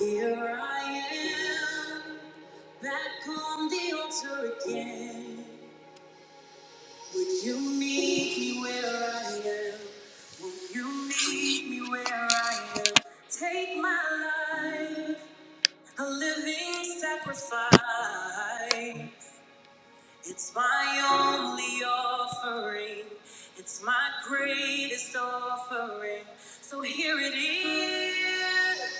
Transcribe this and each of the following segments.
Here I am, back on the altar again. Would you meet me where I am? Would you meet me where I am? Take my life, a living sacrifice. It's my only offering. It's my greatest offering. So here it is.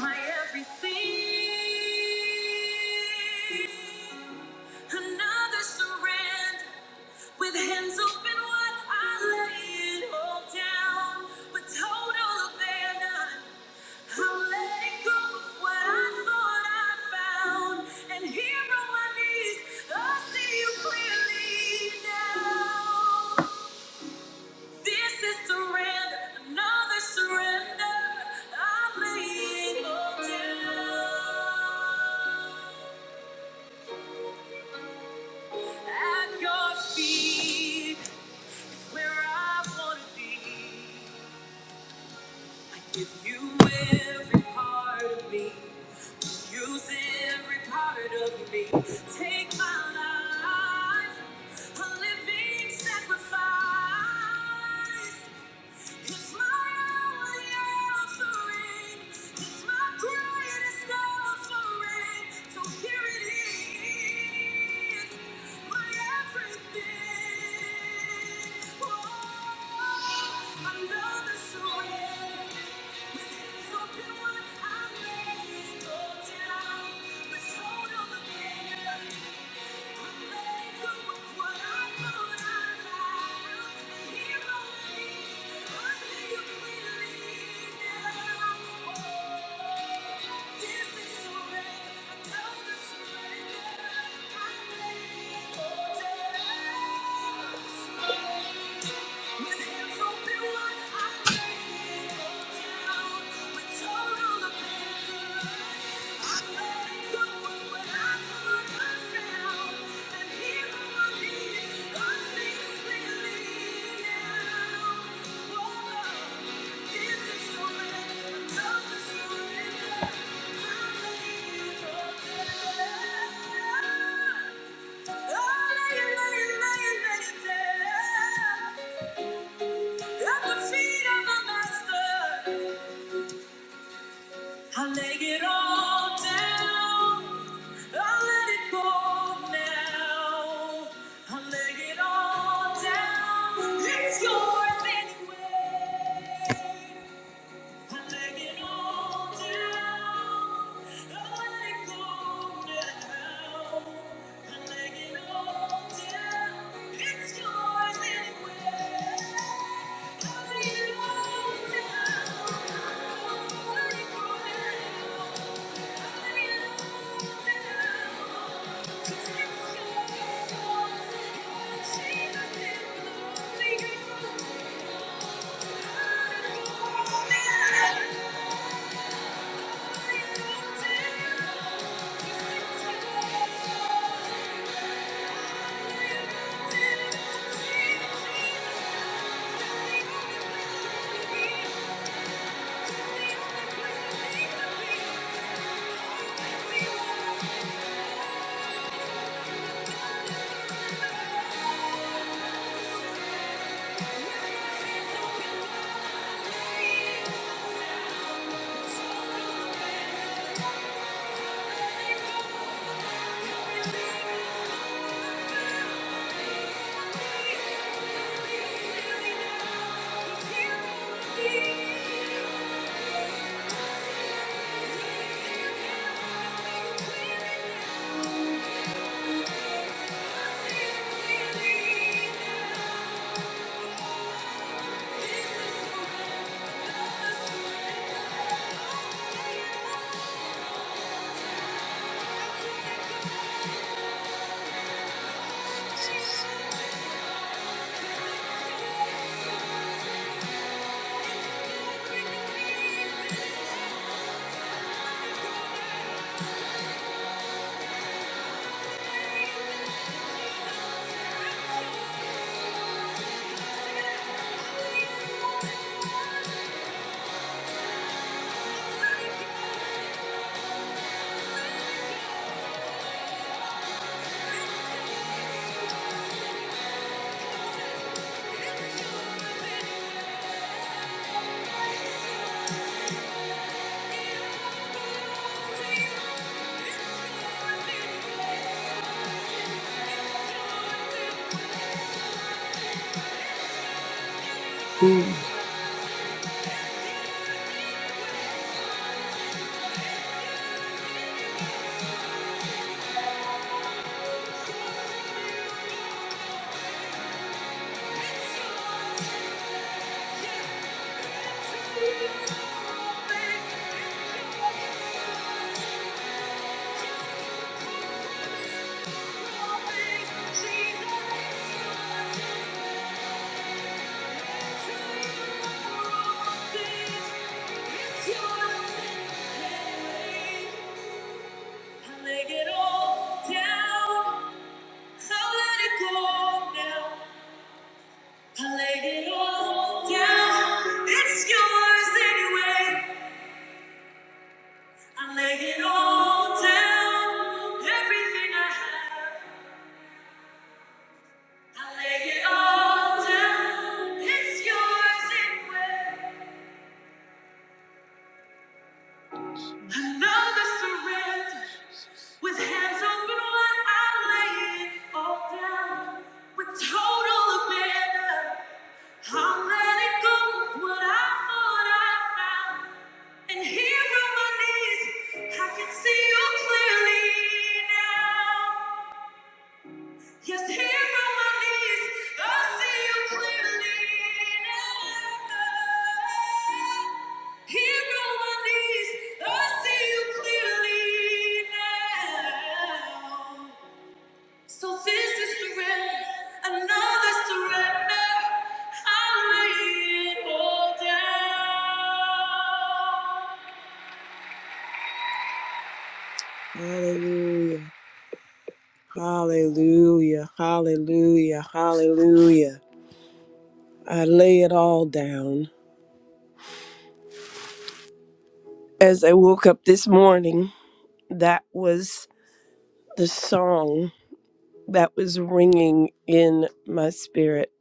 my everything. Another surrender with hands open wide. I lay it all down with total abandon. I'm letting go of what I thought I found. And here on my knees, I see you clearly now. This is surrender, another surrender. I'm laying all down at your feet. is where I want to be. I give you every part of me. Use every part of me. Take my life, a living sacrifice. It's my only offering. It's my greatest offering. So here it is, my everything. Oh, another surrender. With hands open wide, I lay it all down. The total Thank you. At the feet of the master. I lay it all down. I let it go now. I lay it all down. It's yours anyway. I lay it all down. I let it go now. I lay it all down. It's yours anyway. I lay it all down. I let it go now. Thank you. It's your yours. I lay it all down. I'll let it go now. I lay it all down. It's yours anyway. I lay it all down. Everything I have. I lay it all down. It's yours anyway. Another surrender. With hands open wide, I lay it all down. With total abandon, I'm letting go of what I thought I found. And here on my knees, I can see you clearly now. Yes, here on my knees, I see you clearly now. Here on my knees, I see you clearly now. So this is surrender, another surrender. I'll lay it all down. Hallelujah, hallelujah, hallelujah, hallelujah. I lay it all down. As I woke up this morning, that was the song that was ringing in my spirit.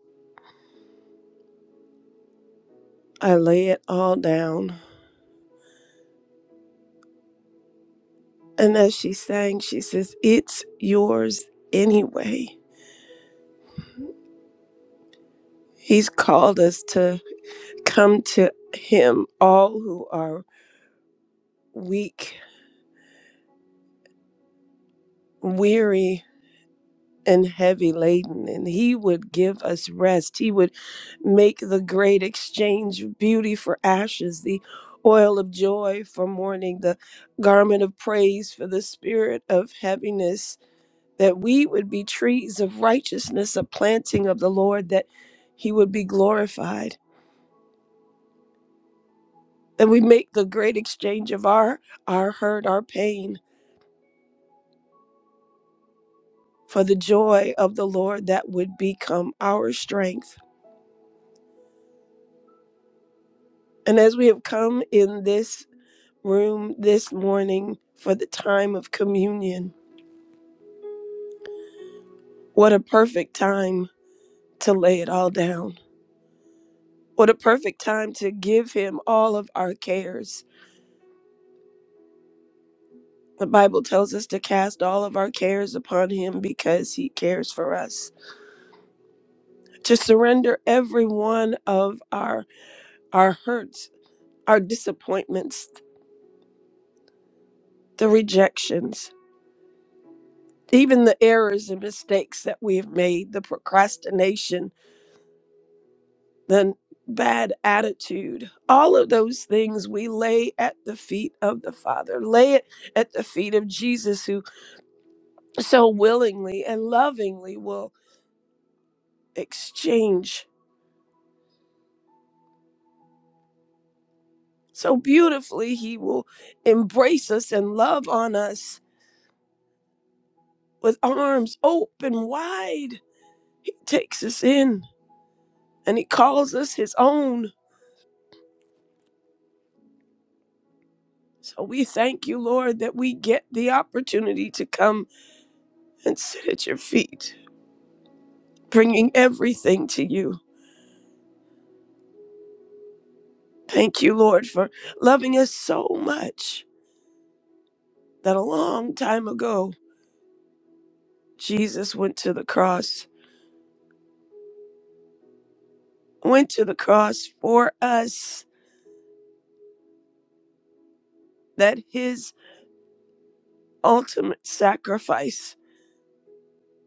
I lay it all down. And as she sang, she says, It's yours anyway. He's called us to come to Him, all who are weak, weary, and heavy laden, and He would give us rest. He would make the great exchange of beauty for ashes, the oil of joy for mourning, the garment of praise for the spirit of heaviness, that we would be trees of righteousness, a planting of the Lord, that He would be glorified. That we make the great exchange of our our hurt, our pain, for the joy of the Lord that would become our strength. And as we have come in this room this morning for the time of communion, what a perfect time to lay it all down. What a perfect time to give Him all of our cares. The Bible tells us to cast all of our cares upon Him because He cares for us. To surrender every one of our, our hurts, our disappointments, the rejections, even the errors and mistakes that we've made, the procrastination, the bad attitude, all of those things we lay at the feet of the Father, lay it at the feet of Jesus, who so willingly and lovingly will exchange. So beautifully, He will embrace us and love on us with arms open wide. He takes us in and He calls us His own So we thank you, Lord, that we get the opportunity to come and sit at your feet, bringing everything to you. Thank you, Lord, for loving us so much that a long time ago, Jesus went to the cross, went to the cross for us, that his ultimate sacrifice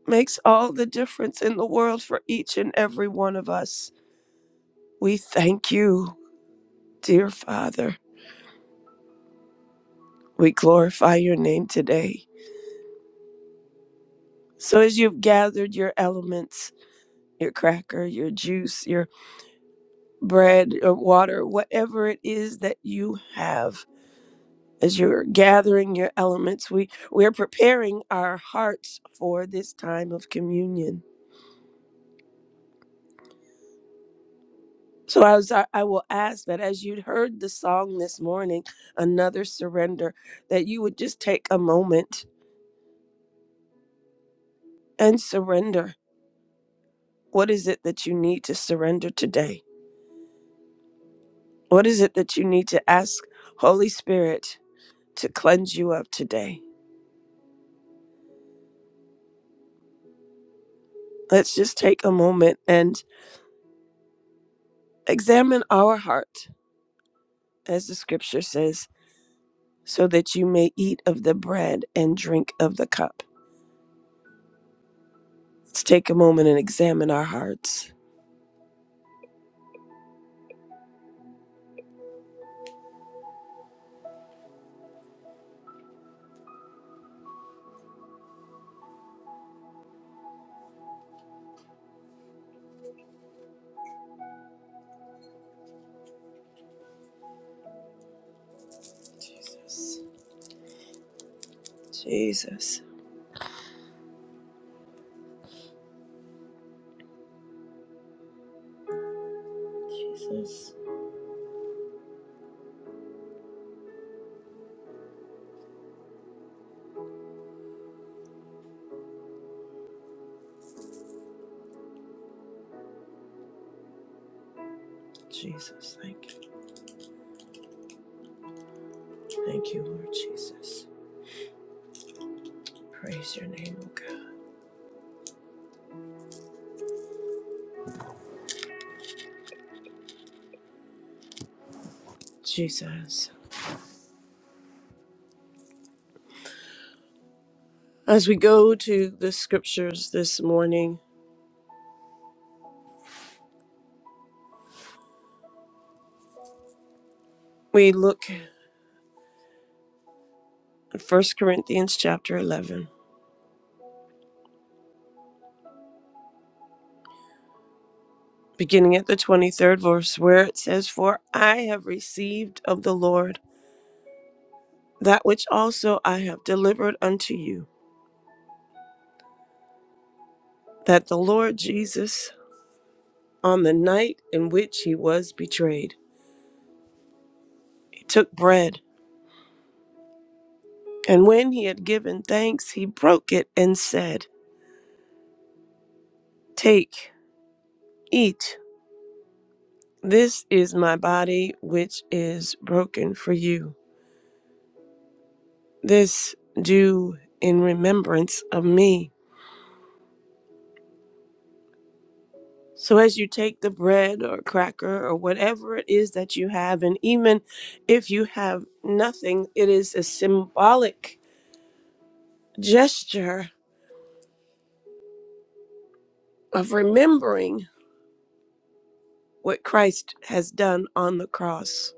makes all the difference in the world for each and every one of us. We thank you, dear Father. We glorify your name today. So as you've gathered your elements, your cracker, your juice, your bread, or water, whatever it is that you have, as you're gathering your elements, we we're preparing our hearts for this time of communion. So I was I I will ask that as you heard the song this morning, another surrender, that you would just take a moment and surrender. What is it that you need to surrender today? What is it that you need to ask Holy Spirit? to cleanse you of today. Let's just take a moment and examine our heart, as the scripture says, so that you may eat of the bread and drink of the cup. Let's take a moment and examine our hearts. Jesus, Jesus, Jesus, thank you. Thank you, Lord Jesus. Praise your name, O God. Jesus. As we go to the scriptures this morning, we look at 1 Corinthians chapter 11. beginning at the 23rd verse, where it says, For I have received of the Lord that which also I have delivered unto you, that the Lord Jesus, on the night in which he was betrayed, he took bread, and when he had given thanks, he broke it and said, Take, eat, this is my body which is broken for you. This do in remembrance of me. So, as you take the bread or cracker or whatever it is that you have, and even if you have nothing, it is a symbolic gesture of remembering what Christ has done on the cross.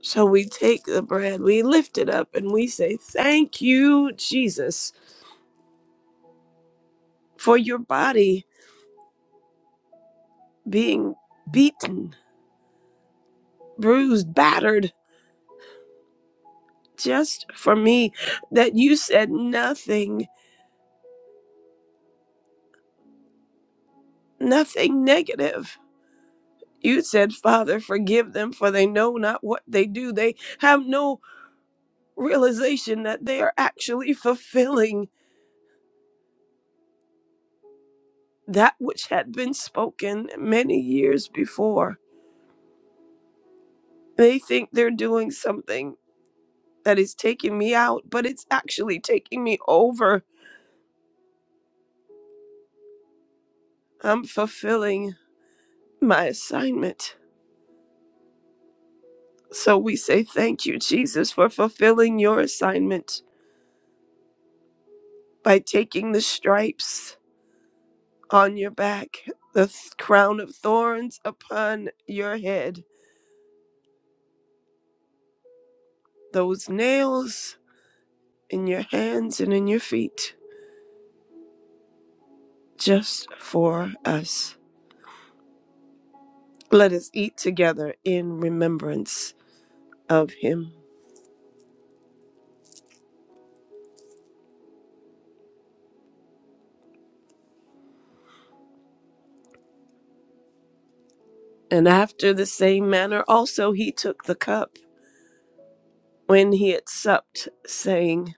So, we take the bread, we lift it up, and we say, Thank you, Jesus, for your body being beaten, bruised, battered just for me, that you said nothing, nothing negative You said, Father, forgive them, for they know not what they do. They have no realization that they are actually fulfilling that which had been spoken many years before. They think they're doing something that is taking me out, but it's actually taking me over. I'm fulfilling my assignment. So we say, Thank you, Jesus, for fulfilling your assignment by taking the stripes on your back, the th- crown of thorns upon your head, those nails in your hands and in your feet, just for us. Let us eat together in remembrance of him. And after the same manner, also he took the cup when he had supped, saying,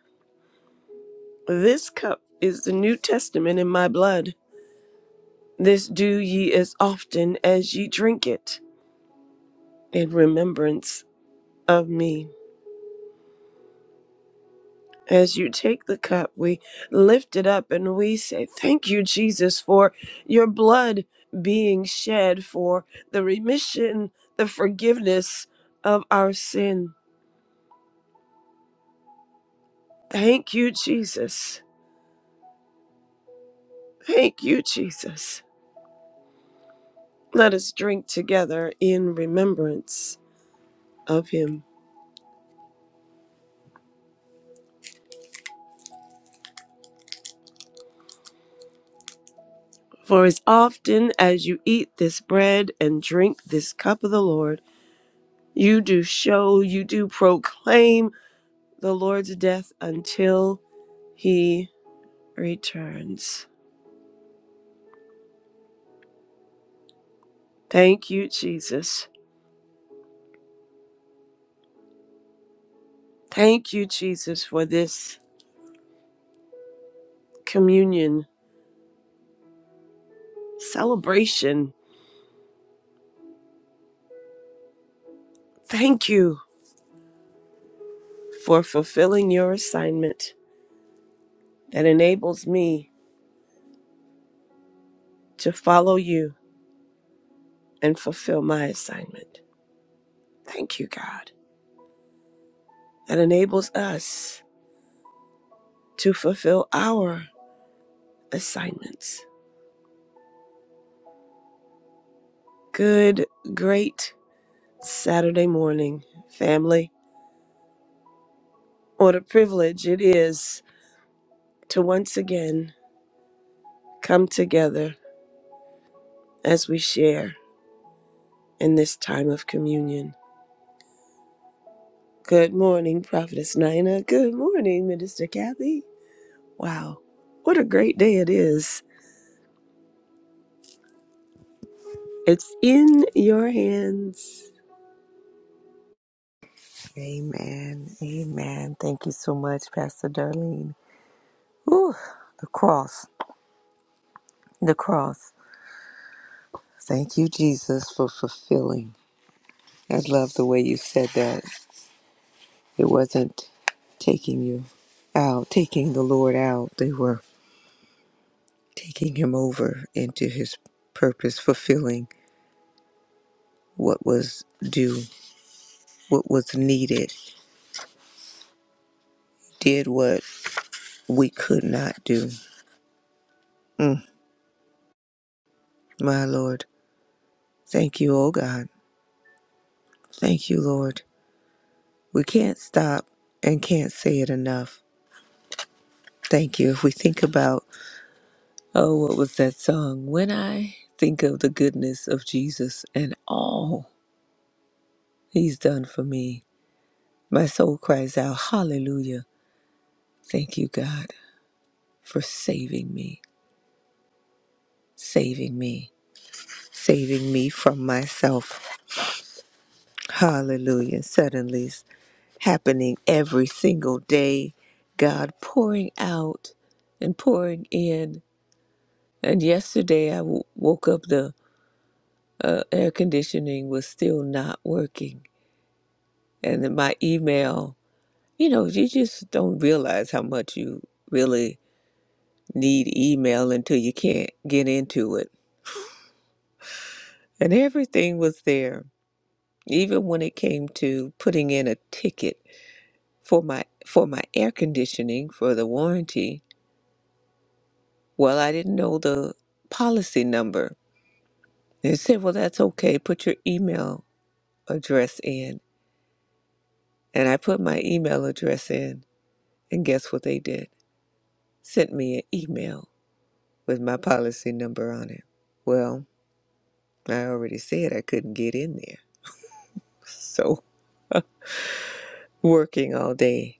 This cup is the New Testament in my blood. This do ye as often as ye drink it in remembrance of me. As you take the cup, we lift it up and we say, Thank you, Jesus, for your blood being shed for the remission, the forgiveness of our sin. Thank you, Jesus. Thank you, Jesus. Let us drink together in remembrance of him. For as often as you eat this bread and drink this cup of the Lord, you do show, you do proclaim the Lord's death until he returns. Thank you, Jesus. Thank you, Jesus, for this communion celebration. Thank you for fulfilling your assignment that enables me to follow you and fulfill my assignment. Thank you, God, that enables us to fulfill our assignments. Good, great Saturday morning, family. What a privilege it is to once again come together as we share in this time of communion. Good morning, Prophetess Nina. Good morning, Minister Kathy. Wow, what a great day it is. It's in your hands. Amen. Amen. Thank you so much, Pastor Darlene. Ooh, the cross. The cross. Thank you, Jesus, for fulfilling. I love the way you said that. It wasn't taking you out, taking the Lord out. They were taking him over into his purpose, fulfilling what was due, what was needed, did what we could not do. Mm, my Lord. Thank you, oh God. Thank you, Lord. We can't stop and can't say it enough. Thank you. If we think about, oh, what was that song? When I think of the goodness of Jesus and all he's done for me, my soul cries out, Hallelujah. Thank you, God, for saving me, saving me, saving me from myself. Hallelujah. Suddenly, it's happening every single day. God pouring out and pouring in And yesterday I w- woke up, the uh, air conditioning was still not working. And then my email, you know, you just don't realize how much you really need email until you can't get into it. And everything was there, even when it came to putting in a ticket for my for my air conditioning for the warranty. Well, I didn't know the policy number. They said, "Well, that's okay. Put your email address in." And I put my email address in, and guess what they did? Sent me an email with my policy number on it. Well, I already said I couldn't get in there. So, working all day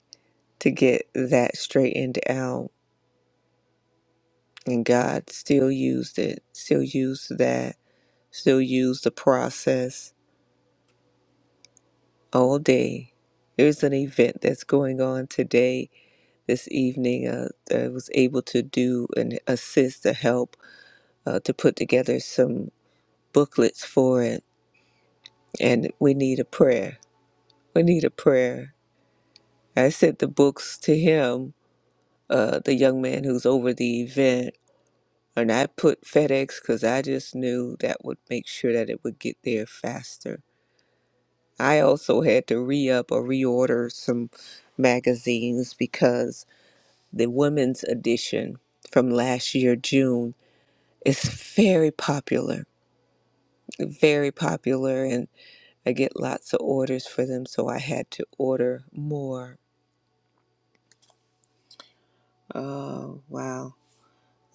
to get that straightened out, and God still used it, still used that, still used the process all day. There's an event that's going on today, this evening. Uh, I was able to do and assist to help uh, to put together some. booklets for it, and we need a prayer. We need a prayer. I sent the books to him, uh, the young man who's over the event, and I put FedEx because I just knew that would make sure that it would get there faster. I also had to re up or reorder some magazines because the women's edition from last year, June, is very popular. Very popular. and. I get lots of orders for them, so I had to order more. Oh, wow.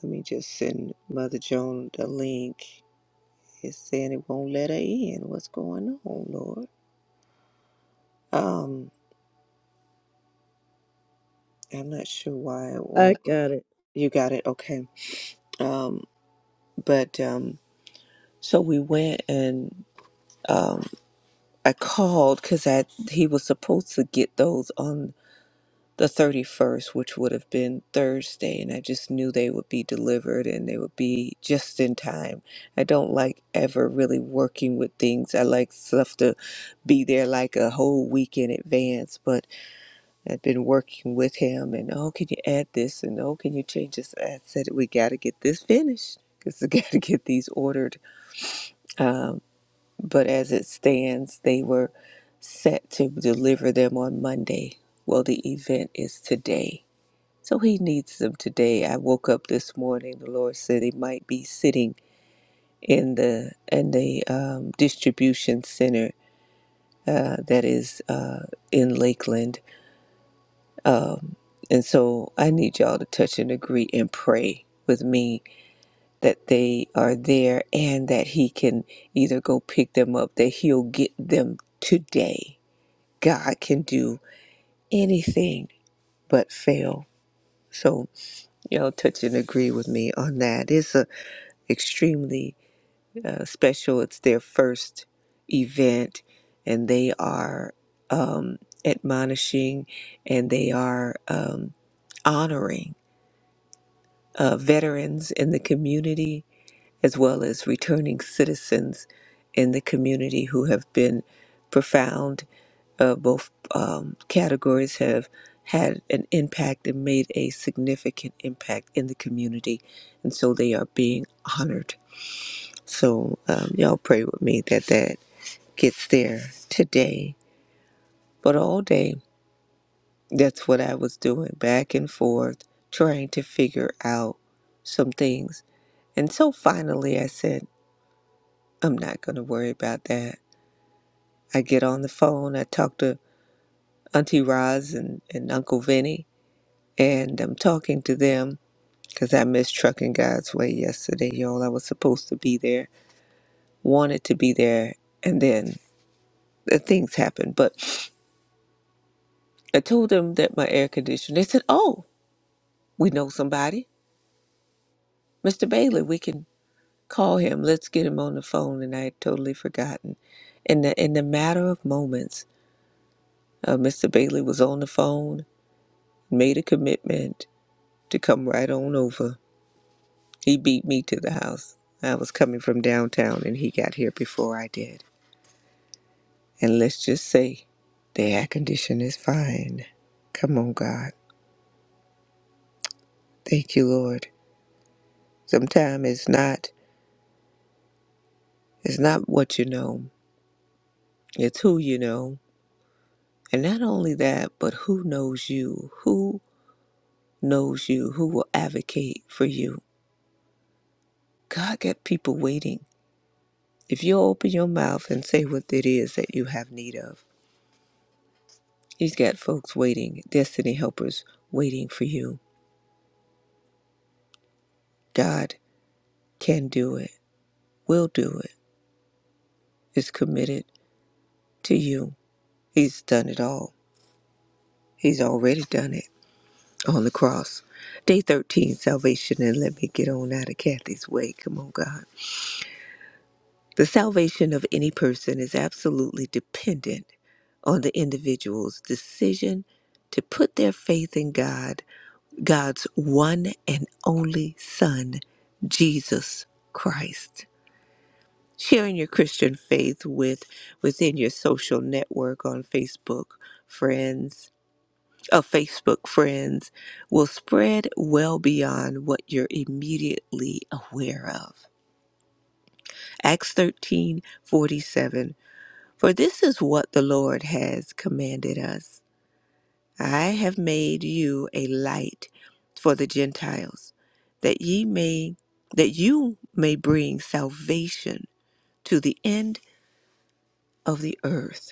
Let me just send Mother Joan the link. It's saying it won't let her in. What's going on, Lord? Um, I'm not sure why it I won't. got it. You got it. Okay. Um, but um, so we went and um, I called because I he was supposed to get those on. the 31st, which would have been Thursday, and I just knew they would be delivered and they would be just in time. I don't like ever really working with things. I like stuff to be there like a whole week in advance, but I've been working with him and oh, can you add this? And oh, can you change this? I said, we got to get this finished because we got to get these ordered. Um, but as it stands, they were set to deliver them on Monday. Well, the event is today so he needs them today. I woke up this morning. The Lord said he might be sitting in the in the um, distribution center uh, that is uh, in Lakeland, um, and so I need y'all to touch and agree and pray with me that they are there and that he can either go pick them up, that he'll get them today. God can do anything but fail. So y'all touch and agree with me on that. It's a extremely uh, special. It's their first event, and they are um, admonishing and they are um, honoring uh, veterans in the community as well as returning citizens in the community who have been profound. Uh, both um, categories have had an impact and made a significant impact in the community, and so they are being honored So um, y'all pray with me that that gets there today. But all day, that's what I was doing back and forth, trying to figure out some things. And so finally, I said, I'm not going to worry about that. I get on the phone, I talk to Auntie Roz and, and Uncle Vinny, and I'm talking to them because I missed Trucking God's Way yesterday, y'all. I was supposed to be there, wanted to be there, and then the things happened. But I told them that my air conditioner. They said, "Oh, we know somebody, Mr. Bailey. We can call him. Let's get him on the phone." And I had totally forgotten. In the in the matter of moments, uh, Mr. Bailey was on the phone, made a commitment to come right on over. He beat me to the house. I was coming from downtown, and he got here before I did. And let's just say, the air conditioner is fine. Come on, God. Thank you, Lord. Sometimes it's not. It's not what you know. It's who you know. And not only that, but who knows you? Who knows you? Who will advocate for you? God got people waiting. If you open your mouth and say what it is that you have need of, He's got folks waiting, destiny helpers waiting for you. God can do it, will do it, is committed to you. He's done it all. He's already done it on the cross. Day 13, salvation, and let me get on out of Kathy's way. Come on, God. The salvation of any person is absolutely dependent on the individual's decision to put their faith in God, God's one and only Son, Jesus Christ. Sharing your Christian faith with within your social network on Facebook friends, uh, Facebook friends will spread well beyond what you're immediately aware of. Acts 13:47 For this is what the Lord has commanded us I have made you a light for the Gentiles, that ye may that you may bring salvation to the end of the earth.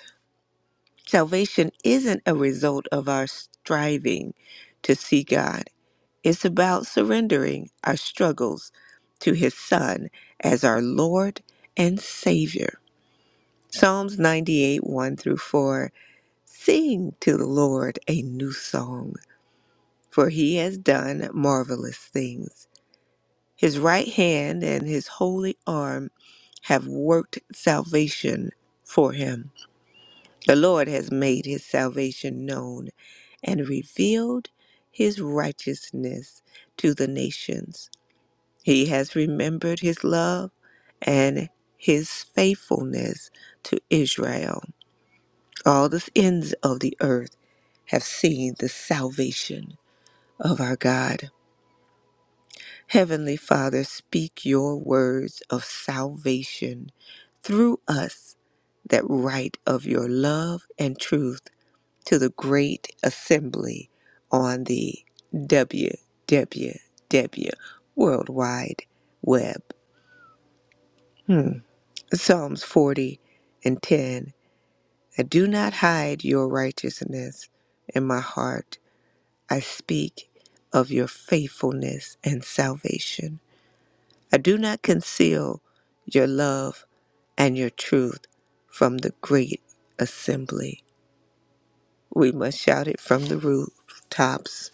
Salvation isn't a result of our striving to see God. It's about surrendering our struggles to His Son as our Lord and Savior. Psalms 98 1 through 4 Sing to the Lord a new song, for he has done marvelous things. His right hand and his holy arm have worked salvation for him. The Lord has made his salvation known and revealed his righteousness to the nations. He has remembered his love and his faithfulness to Israel. All the ends of the earth have seen the salvation of our God. Heavenly Father, speak your words of salvation through us that write of your love and truth to the great assembly on the W W WWW worldwide web. Hmm. Psalms 40 and 10. I do not hide your righteousness in my heart I speak of your faithfulness and salvation. I do not conceal your love and your truth from the great assembly. We must shout it from the rooftops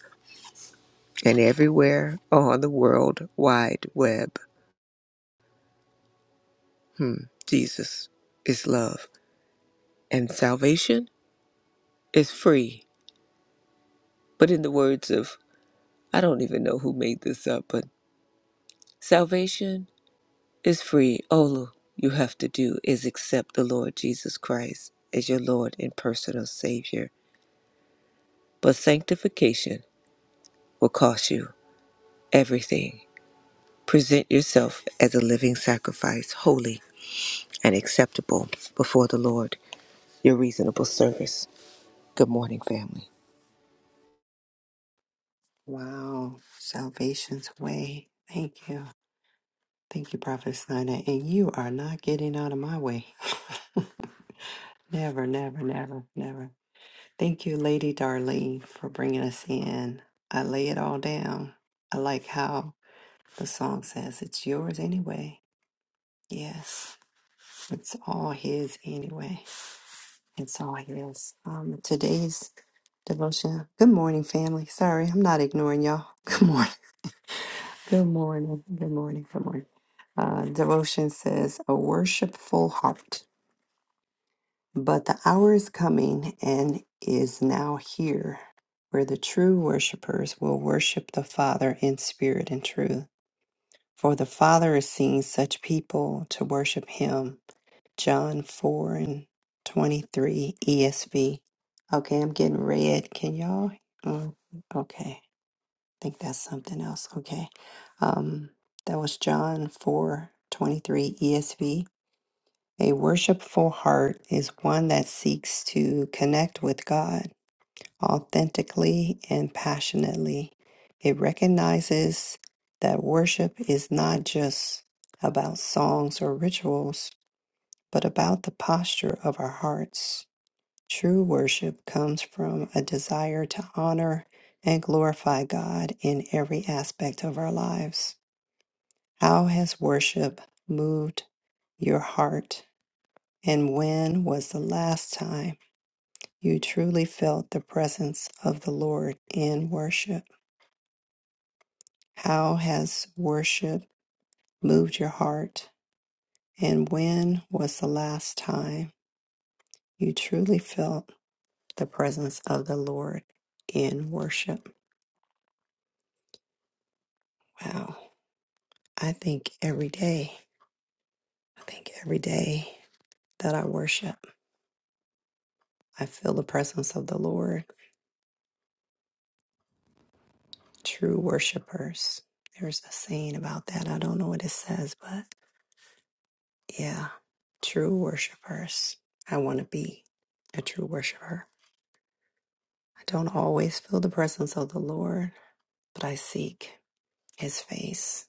and everywhere on the world wide web. Hmm. Jesus is love, and salvation is free. But in the words of, I don't even know who made this up, but salvation is free. All you have to do is accept the Lord Jesus Christ as your Lord and personal Savior. But sanctification will cost you everything. Present yourself as a living sacrifice, holy and acceptable before the Lord, your reasonable service. Good morning, family. Wow. Salvation's way. Thank you. Thank you, Prophet Snyder. And you are not getting out of my way. never, never, never, never. Thank you, Lady Darlene, for bringing us in. I lay it all down. I like how the song says it's yours anyway. Yes, it's all his anyway. It's all his. Um, today's devotion. Good morning, family. Sorry, I'm not ignoring y'all. Good morning. Good morning. Good morning. Good morning. Uh, devotion says, A worshipful heart. But the hour is coming and is now here where the true worshipers will worship the Father in spirit and truth. For the Father is seeking such people to worship him. John 4 and 23 ESV. Okay, I'm getting red. Can y'all? mm, okay think that's something else. Okay. Um, that was John four twenty three 23 ESV. A worshipful heart is one that seeks to connect with God authentically and passionately. It recognizes that worship is not just about songs or rituals, but about the posture of our hearts. True worship comes from a desire to honor and glorify God in every aspect of our lives. How has worship moved your heart? And when was the last time you truly felt the presence of the Lord in worship? How has worship moved your heart? And when was the last time you truly felt the presence of the Lord in worship? Wow. I think every day, I think every day that I worship, I feel the presence of the Lord. True worshipers. There's a saying about that. I don't know what it says, but yeah, true worshipers. I want to be a true worshiper. I don't always feel the presence of the Lord, but I seek his face.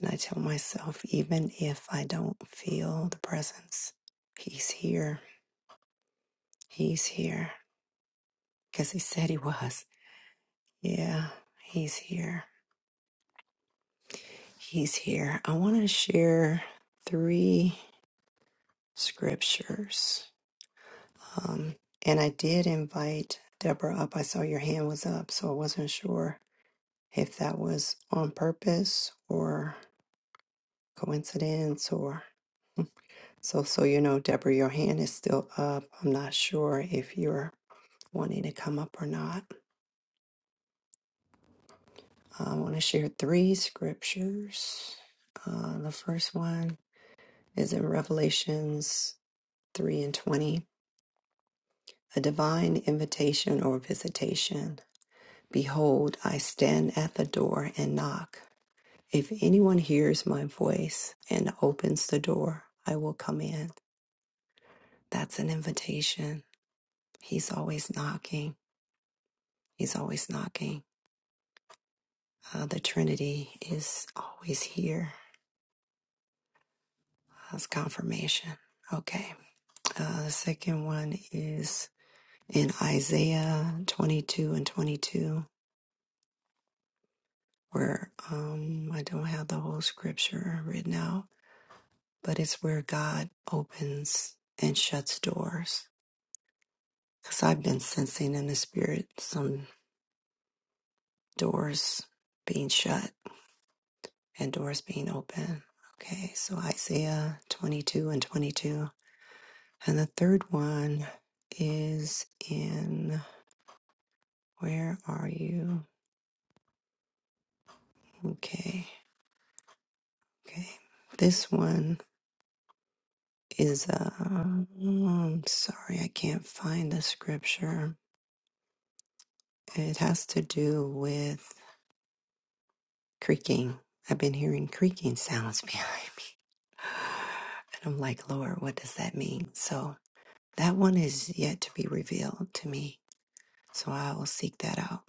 And I tell myself, even if I don't feel the presence, he's here. He's here because he said he was. Yeah, he's here. He's here. I want to share three scriptures. Um, and I did invite Deborah up. I saw your hand was up, so I wasn't sure if that was on purpose or coincidence or so so you know Deborah your hand is still up. I'm not sure if you're wanting to come up or not. I want to share three scriptures. Uh, the first one is in Revelations 3 and 20. A divine invitation or visitation. Behold, I stand at the door and knock. If anyone hears my voice and opens the door, I will come in. That's an invitation. He's always knocking. He's always knocking. Uh, the Trinity is always here. That's confirmation. Okay. Uh, the second one is in Isaiah 22 and 22. where um, I don't have the whole scripture written out, but it's where God opens and shuts doors. Because I've been sensing in the spirit some doors being shut and doors being open. Okay, so Isaiah 22 and 22. And the third one is in, where are you? Okay, okay. This one is, uh, I'm sorry, I can't find the scripture It has to do with creaking. I've been hearing creaking sounds behind me. And I'm like, Lord, what does that mean? So that one is yet to be revealed to me. So I will seek that out.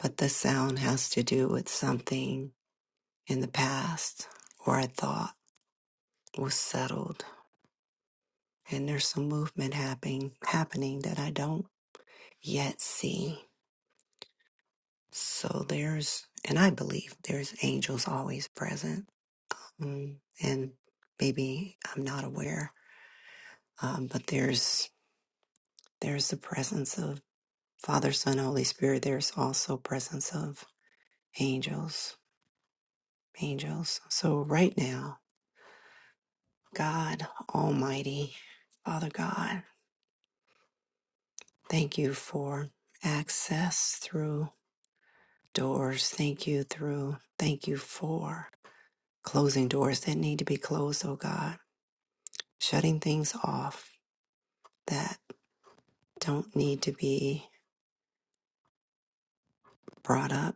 But the sound has to do with something in the past or I thought was settled. And there's some movement happening happening that I don't yet see. So there's and I believe there's angels always present Mm, and maybe I'm not aware, um, but there's there's the presence of Father, Son, Holy Spirit. There's also presence of angels, angels. So right now, God Almighty, Father God, thank you for access through doors. Thank you through. Thank you for closing doors that need to be closed. Oh God, shutting things off that don't need to be brought up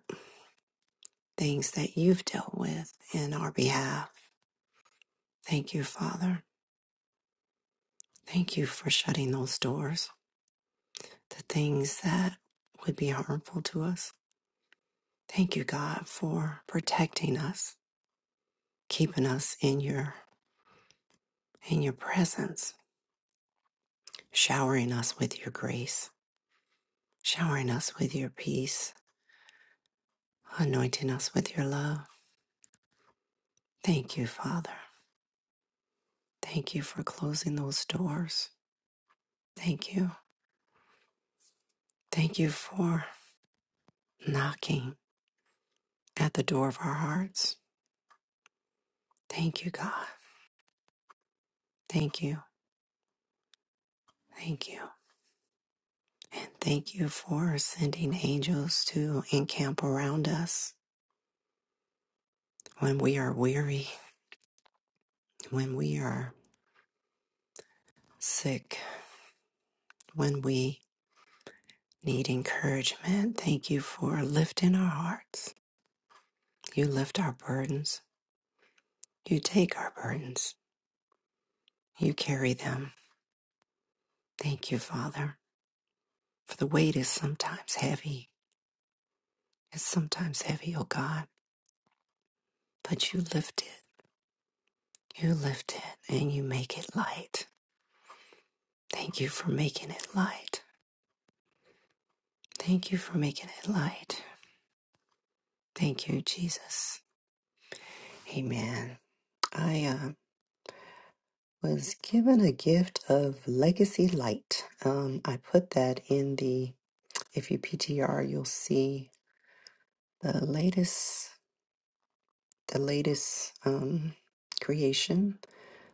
things that you've dealt with in our behalf. Thank you, Father. Thank you for shutting those doors, the things that would be harmful to us. Thank you, God, for protecting us, keeping us in your in your presence, showering us with your grace, showering us with your peace, anointing us with your love. Thank you, Father. Thank you for closing those doors. Thank you. Thank you for knocking at the door of our hearts Thank you, God. Thank you. Thank you. And thank you for sending angels to encamp around us when we are weary, when we are sick, when we need encouragement. Thank you for lifting our hearts. You lift our burdens. You take our burdens. You carry them. Thank you, Father, for the weight is sometimes heavy. It's sometimes heavy, oh God, but you lift it. You lift it and you make it light. Thank you for making it light. Thank you for making it light. Thank you, Jesus. Amen. I uh, was given a gift of legacy light. Um, I put that in the, if you PTR, you'll see the latest, the latest um, creation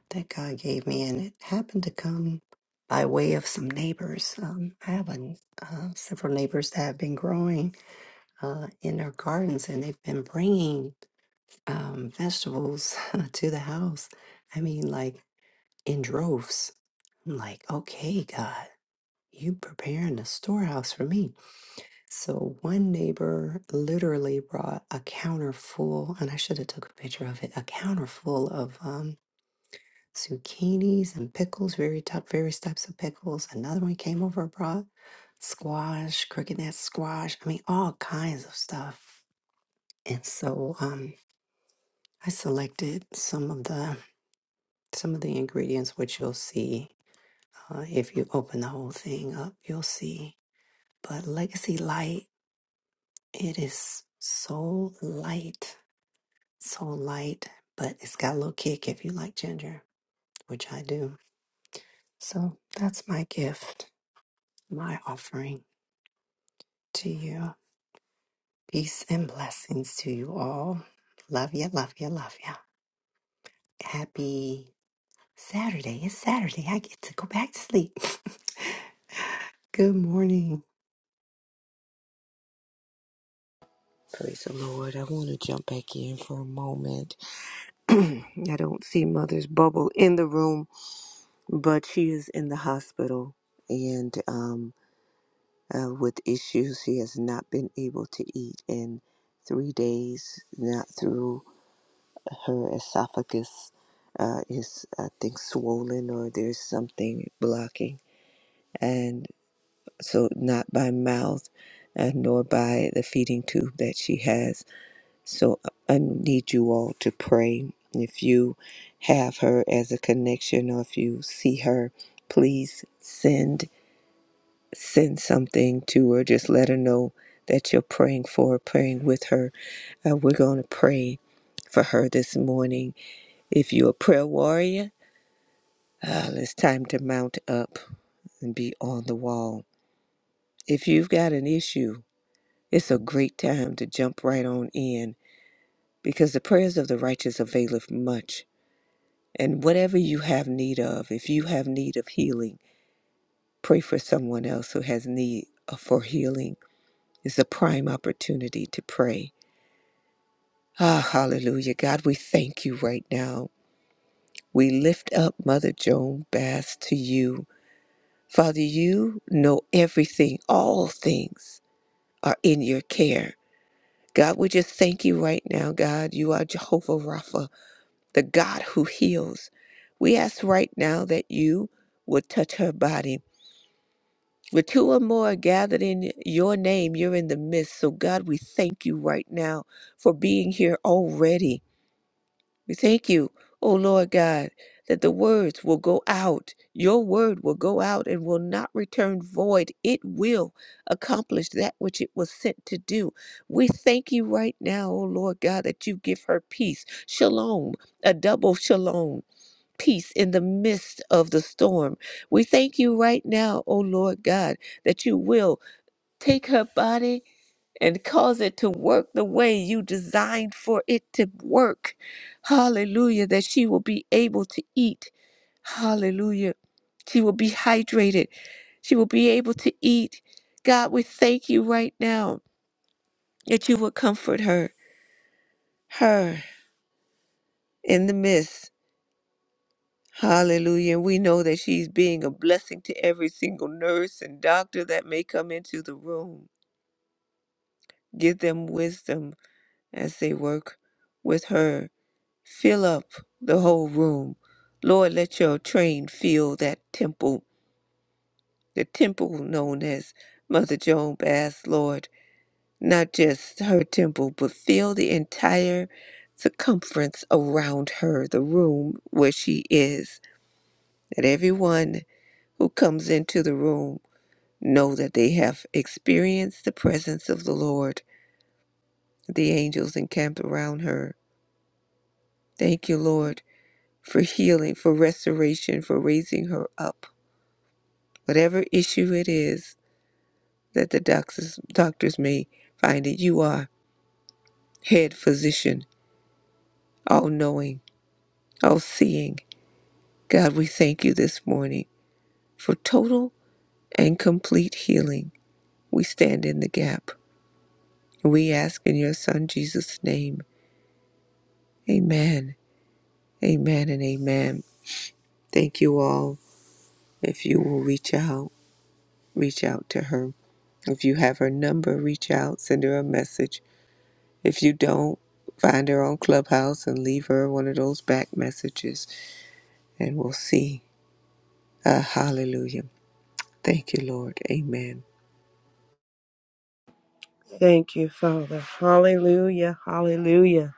that God gave me, and it happened to come by way of some neighbors. Um, I have a, uh, several neighbors that have been growing uh, in their gardens, and they've been bringing um, vegetables to the house. I mean, like in droves. I'm like, okay, God, you preparing a storehouse for me. So one neighbor literally brought a counter full, and I should have took a picture of it. A counter full of um, zucchinis and pickles, very type, various types of pickles. Another one came over and brought squash, cricket net squash. I mean, all kinds of stuff. And so um, I selected some of the some of the ingredients, which you'll see uh, if you open the whole thing up, you'll see. But Legacy Light, it is so light, so light, but it's got a little kick if you like ginger, which I do. So that's my gift, my offering to you. Peace and blessings to you all. Love ya, love ya, love ya. Happy Saturday. It's Saturday. I get to go back to sleep. Good morning. Praise the Lord. I want to jump back in for a moment. I don't see Mother's Bubble in the room, but she is in the hospital. And um. uh, with issues. She has not been able to eat in three days, not through her esophagus uh, is, I think, swollen or there's something blocking. And so, not by mouth and nor by the feeding tube that she has. So, I need you all to pray. If you have her as a connection or if you see her, please send. send something to her. Just let her know that you're praying for her, praying with her. Uh, we're going to pray for her this morning. If you're a prayer warrior, uh, it's time to mount up and be on the wall. If you've got an issue, it's a great time to jump right on in because the prayers of the righteous availeth much. And whatever you have need of, if you have need of healing, pray for someone else who has need of- for healing. It's a prime opportunity to pray Ah, hallelujah. God, we thank you right now. We lift up Mother Joan Bass to you. Father, you know everything, all things are in your care. God, we just thank you right now, God. You are Jehovah Rapha, the God who heals. We ask right now that you would touch her body. Where two or more are gathered in your name, you're in the midst. So, God, we thank you right now for being here already. We thank you, O Lord God, that the words will go out. Your word will go out and will not return void. It will accomplish that which it was sent to do. We thank you right now, O Lord God, that you give her peace. Shalom, a double shalom. Peace in the midst of the storm. We thank you right now, O Lord God, that you will take her body and cause it to work the way you designed for it to work. Hallelujah. That she will be able to eat. Hallelujah. She will be hydrated. She will be able to eat. God, we thank you right now that you will comfort her, her in the midst. Hallelujah. We know that she's being a blessing to every single nurse and doctor that may come into the room. Give them wisdom as they work with her Fill up the whole room. Lord, let your train fill that temple, the temple known as Mother Joan Bass, Lord. Not just her temple, but fill the entire circumference around her, the room where she is. That everyone who comes into the room know that they have experienced the presence of the Lord, the angels encamped around her. Thank you, Lord, for healing, for restoration, for raising her up Whatever issue it is that the doctors, doctors may find it, you are head physician, all knowing, all seeing. God, we thank you this morning for total and complete healing. We stand in the gap. We ask in your Son Jesus' name. Amen. Amen and amen. Thank you all. If you will reach out, reach out to her. If you have her number, reach out, send her a message If you don't, find her on Clubhouse and leave her one of those back messages, and we'll see. Uh, hallelujah. Thank you, Lord. Amen. Thank you, Father. Hallelujah. Hallelujah.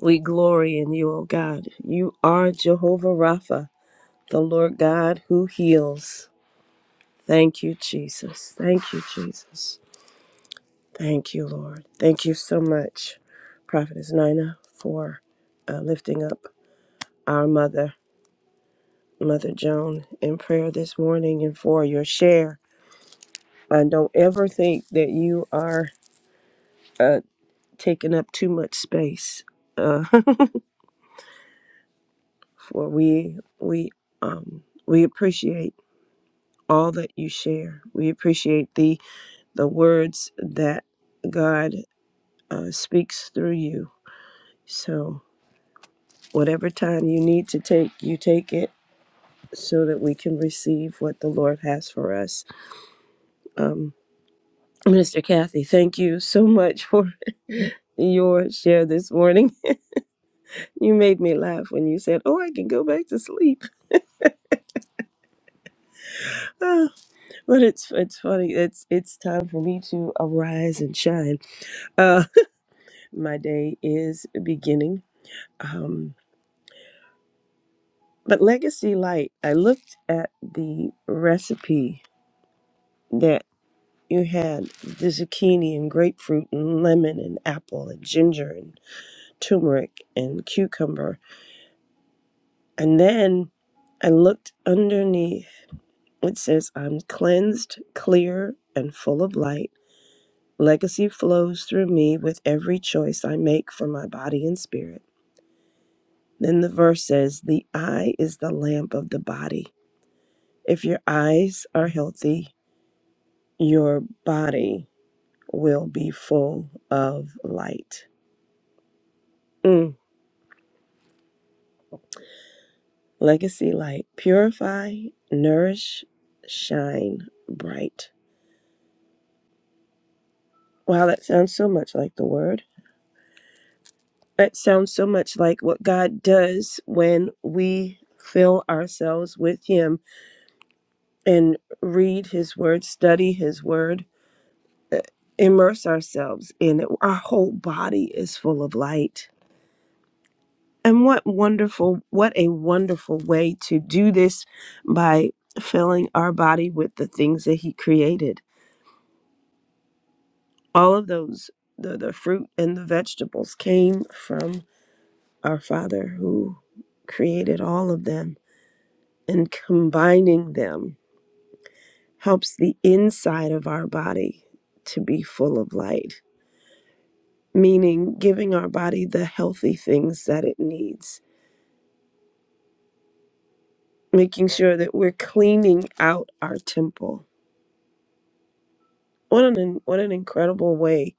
We glory in you, O God. You are Jehovah Rapha, the Lord God who heals. Thank you, Jesus. Thank you, Jesus. Thank you, Lord. Thank you so much, Prophetess Nina, for uh, lifting up our mother, Mother Joan, in prayer this morning and for your share. I don't ever think that you are uh, taking up too much space. Uh, for we we um, we appreciate all that you share. We appreciate the the words that God uh, speaks through you. So whatever time you need to take, you take it so that we can receive what the Lord has for us. Um, Minister Kathy, thank you so much for your share this morning. You made me laugh when you said, "Oh, I can go back to sleep," Ah, but it's it's funny. It's it's time for me to arise and shine. Uh, my day is beginning. Um, but Legacy Light, I looked at the recipe that you had the zucchini and grapefruit and lemon and apple and ginger and turmeric and cucumber. And then I looked underneath. It says, I'm cleansed, clear, and full of light. Legacy flows through me with every choice I make for my body and spirit. Then the verse says, The eye is the lamp of the body. If your eyes are healthy, your body will be full of light. Mm. Legacy light. Purify, nourish, shine bright. Wow, that sounds so much like the word. That sounds so much like what God does when we fill ourselves with Him and read His Word, study His Word, uh, immerse ourselves in it. Our whole body is full of light. And what wonderful, what a wonderful way to do this by filling our body with the things that He created. All of those, the, the fruit and the vegetables came from our Father who created all of them and combining them helps the inside of our body to be full of light, meaning giving our body the healthy things that it needs, making sure that we're cleaning out our temple. What an what an incredible way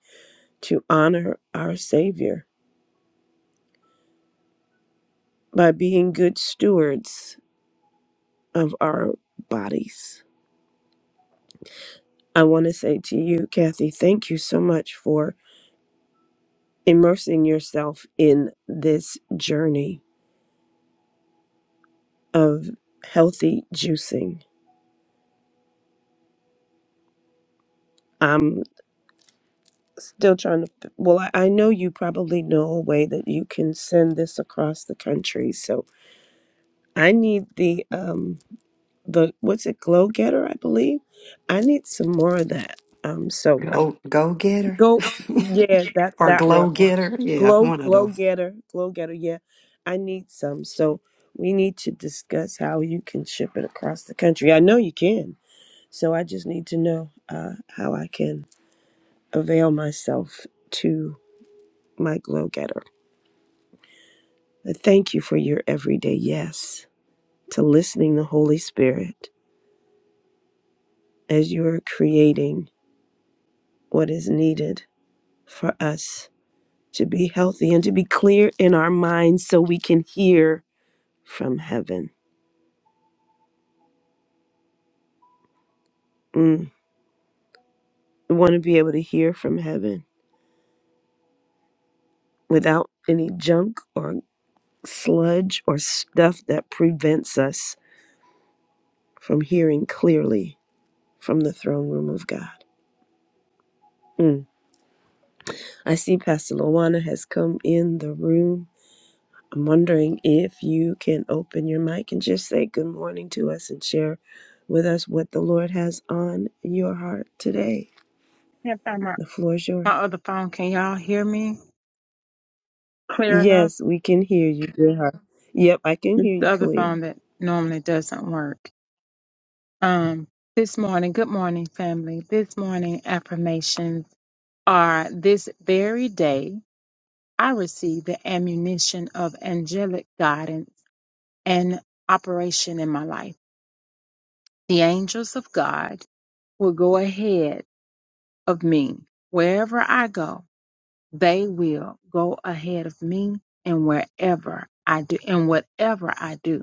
to honor our Savior by being good stewards of our bodies. I want to say to you, Kathy, thank you so much for immersing yourself in this journey of healthy juicing. I'm still trying to, well, I, I know you probably know a way that you can send this across the country. So I need the, um, the, what's it, Glow Getter, I believe. I need some more of that. Um, so Go, go get her. go, yeah, that's Or that one. glow getter. Yeah, Glow, one of Glow those. Getter, Glow Getter, yeah. I need some. So we need to discuss how you can ship it across the country. I know you can. So I just need to know uh, how I can avail myself to my glow getter. I thank you for your everyday yes, to listening the Holy Spirit as you are creating what is needed for us to be healthy and to be clear in our minds so we can hear from heaven. Mm. We want to be able to hear from heaven without any junk or sludge or stuff that prevents us from hearing clearly from the throne room of God. Mm. I see Pastor Lawana has come in the room. I'm wondering if you can open your mic and just say good morning to us and share with us what the Lord has on your heart today. Can't find my, The floor is my yours. other phone. Can y'all hear me clear enough? Yes, we can hear you, dear heart. Yep, I can It's hear the you other clear. phone that normally doesn't work. Um, this morning, good morning, family. This morning affirmations are this very day I receive the ammunition of angelic guidance and operation in my life. The angels of God will go ahead of me. Wherever I go, they will go ahead of me and wherever I do and whatever I do.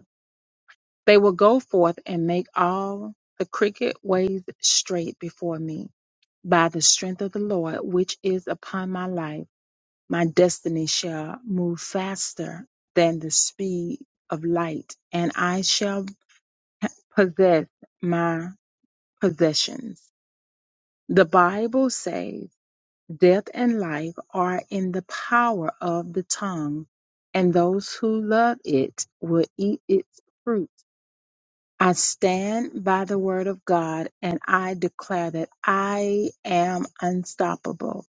They will go forth and make all the crooked ways straight before me. By the strength of the Lord, which is upon my life, my destiny shall move faster than the speed of light, and I shall possess my possessions. The Bible says, Death and life are in the power of the tongue, and those who love it will eat its fruit. I stand by the word of God and I declare that I am unstoppable.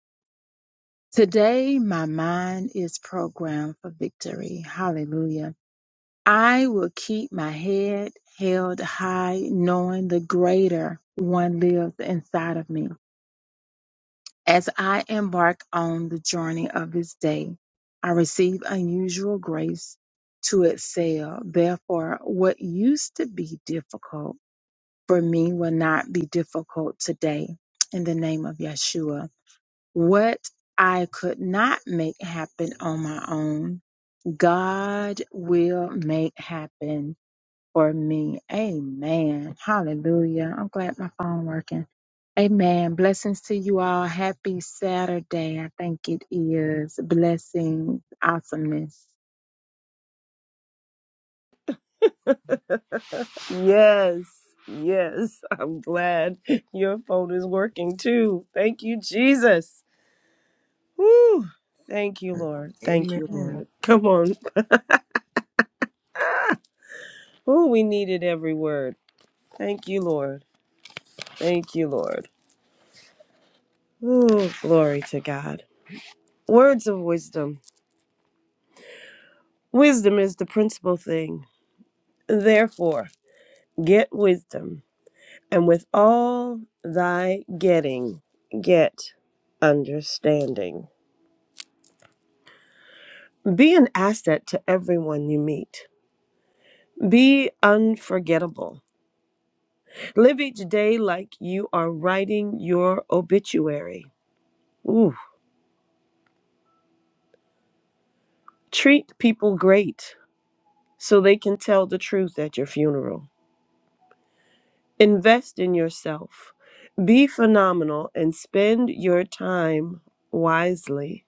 Today, my mind is programmed for victory. Hallelujah. I will keep my head held high, knowing the greater one lives inside of me. As I embark on the journey of this day, I receive unusual grace to excel. Therefore, what used to be difficult for me will not be difficult today in the name of Yeshua. What I could not make happen on my own, God will make happen for me. Amen. Hallelujah. I'm glad my phone working. Amen. Blessings to you all. Happy Saturday. I think it is. Blessings. Awesomeness. Yes, yes. I'm glad your phone is working too. Thank you, Jesus. Woo. Thank you, Lord. Thank you, Amen. Lord. Come on. Ooh, we needed every word. Thank you, Lord. Thank you, Lord. Ooh, glory to God. Words of wisdom. Wisdom is the principal thing. Therefore, get wisdom, and with all thy getting, get understanding. Be an asset to everyone you meet. Be unforgettable. Live each day like you are writing your obituary. Ooh, treat people great. so they can tell the truth at your funeral. Invest in yourself. Be phenomenal and spend your time wisely.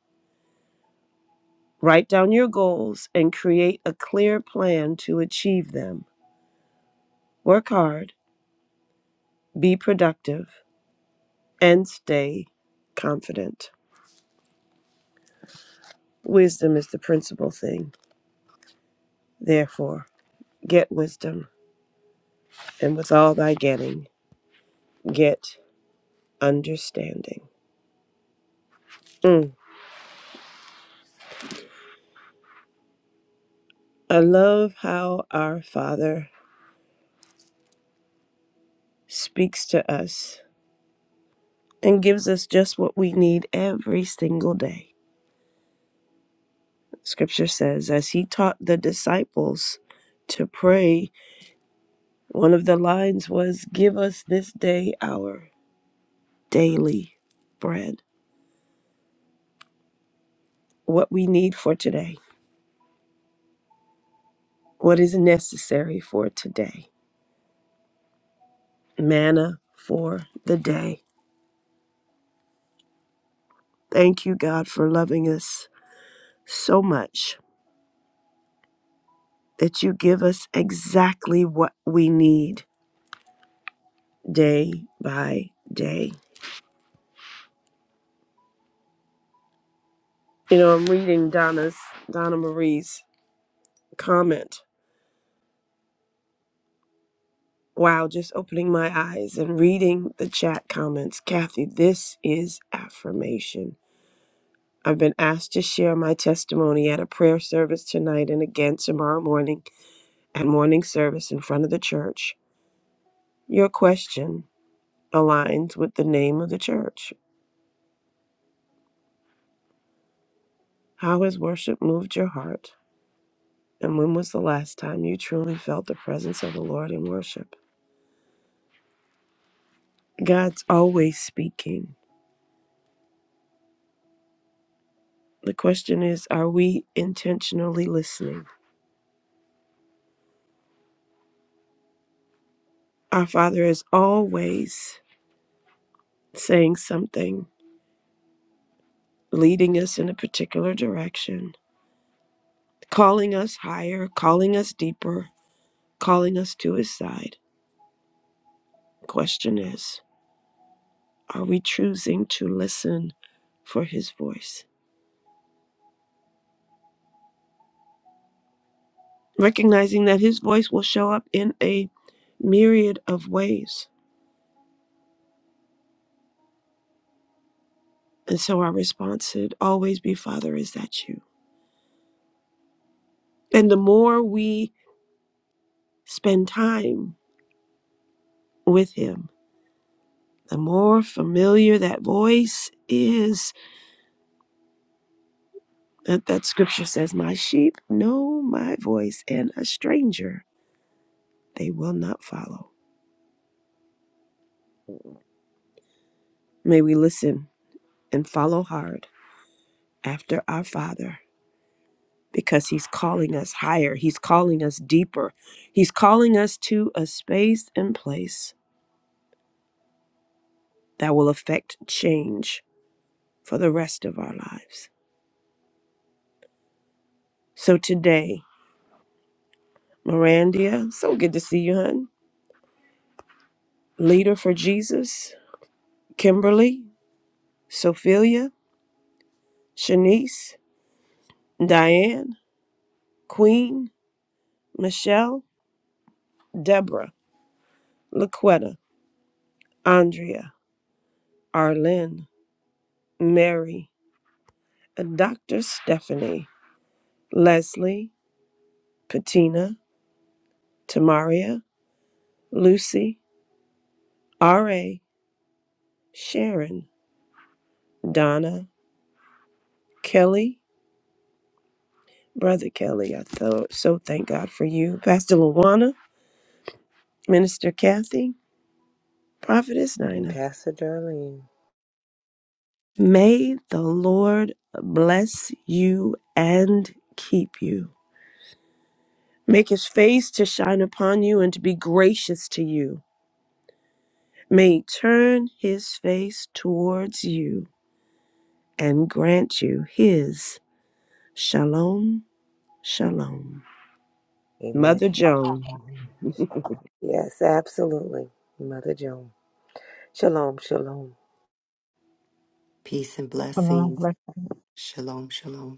Write down your goals and create a clear plan to achieve them. Work hard, be productive, and stay confident. Wisdom is the principal thing. Therefore, get wisdom, and with all thy getting, get understanding. Mm. I love how our Father speaks to us and gives us just what we need every single day. Scripture says, as he taught the disciples to pray, one of the lines was, Give us this day our daily bread, what we need for today, what is necessary for today, manna for the day. Thank you, God, for loving us so much that you give us exactly what we need day by day You know, I'm reading Donna's Donna Marie's comment. Wow, just opening my eyes and reading the chat comments. Kathy, this is affirmation. I've been asked to share my testimony at a prayer service tonight and again tomorrow morning at morning service in front of the church. Your question aligns with the name of the church. How has worship moved your heart? And when was the last time you truly felt the presence of the Lord in worship? God's always speaking. The question is, are we intentionally listening? Our Father is always saying something, leading us in a particular direction, calling us higher, calling us deeper, calling us to His side. Question is, are we choosing to listen for His voice? Recognizing that His voice will show up in a myriad of ways. And so our response should always be, Father, is that you? And the more we spend time with him. The more familiar that voice is, that, that scripture says, My sheep know my voice, and a stranger they will not follow. May we listen and follow hard after our Father because he's calling us higher, he's calling us deeper, he's calling us to a space and place that will affect change for the rest of our lives. So today, Mirandia, so good to see you, hun. Leader for Jesus Kimberly, Sophia, Shanice, Diane, Queen, Michelle, Deborah, Laquetta, Andrea, Arlene, Mary, Dr. Stephanie, Leslie, Patina, Tamaria, Lucy, R.A., Sharon, Donna, Kelly, Brother Kelly, I thought, so thank God for you. Pastor Luana, Minister Kathy, Prophetess And Nina. Pastor Darlene. May the Lord bless you and keep you. Make his face to shine upon you and to be gracious to you. May he turn his face towards you and grant you his shalom, shalom. Amen. Mother Joan. Yes, absolutely. Mother Joan. Shalom, shalom. Peace and Come on. blessings. Shalom, shalom.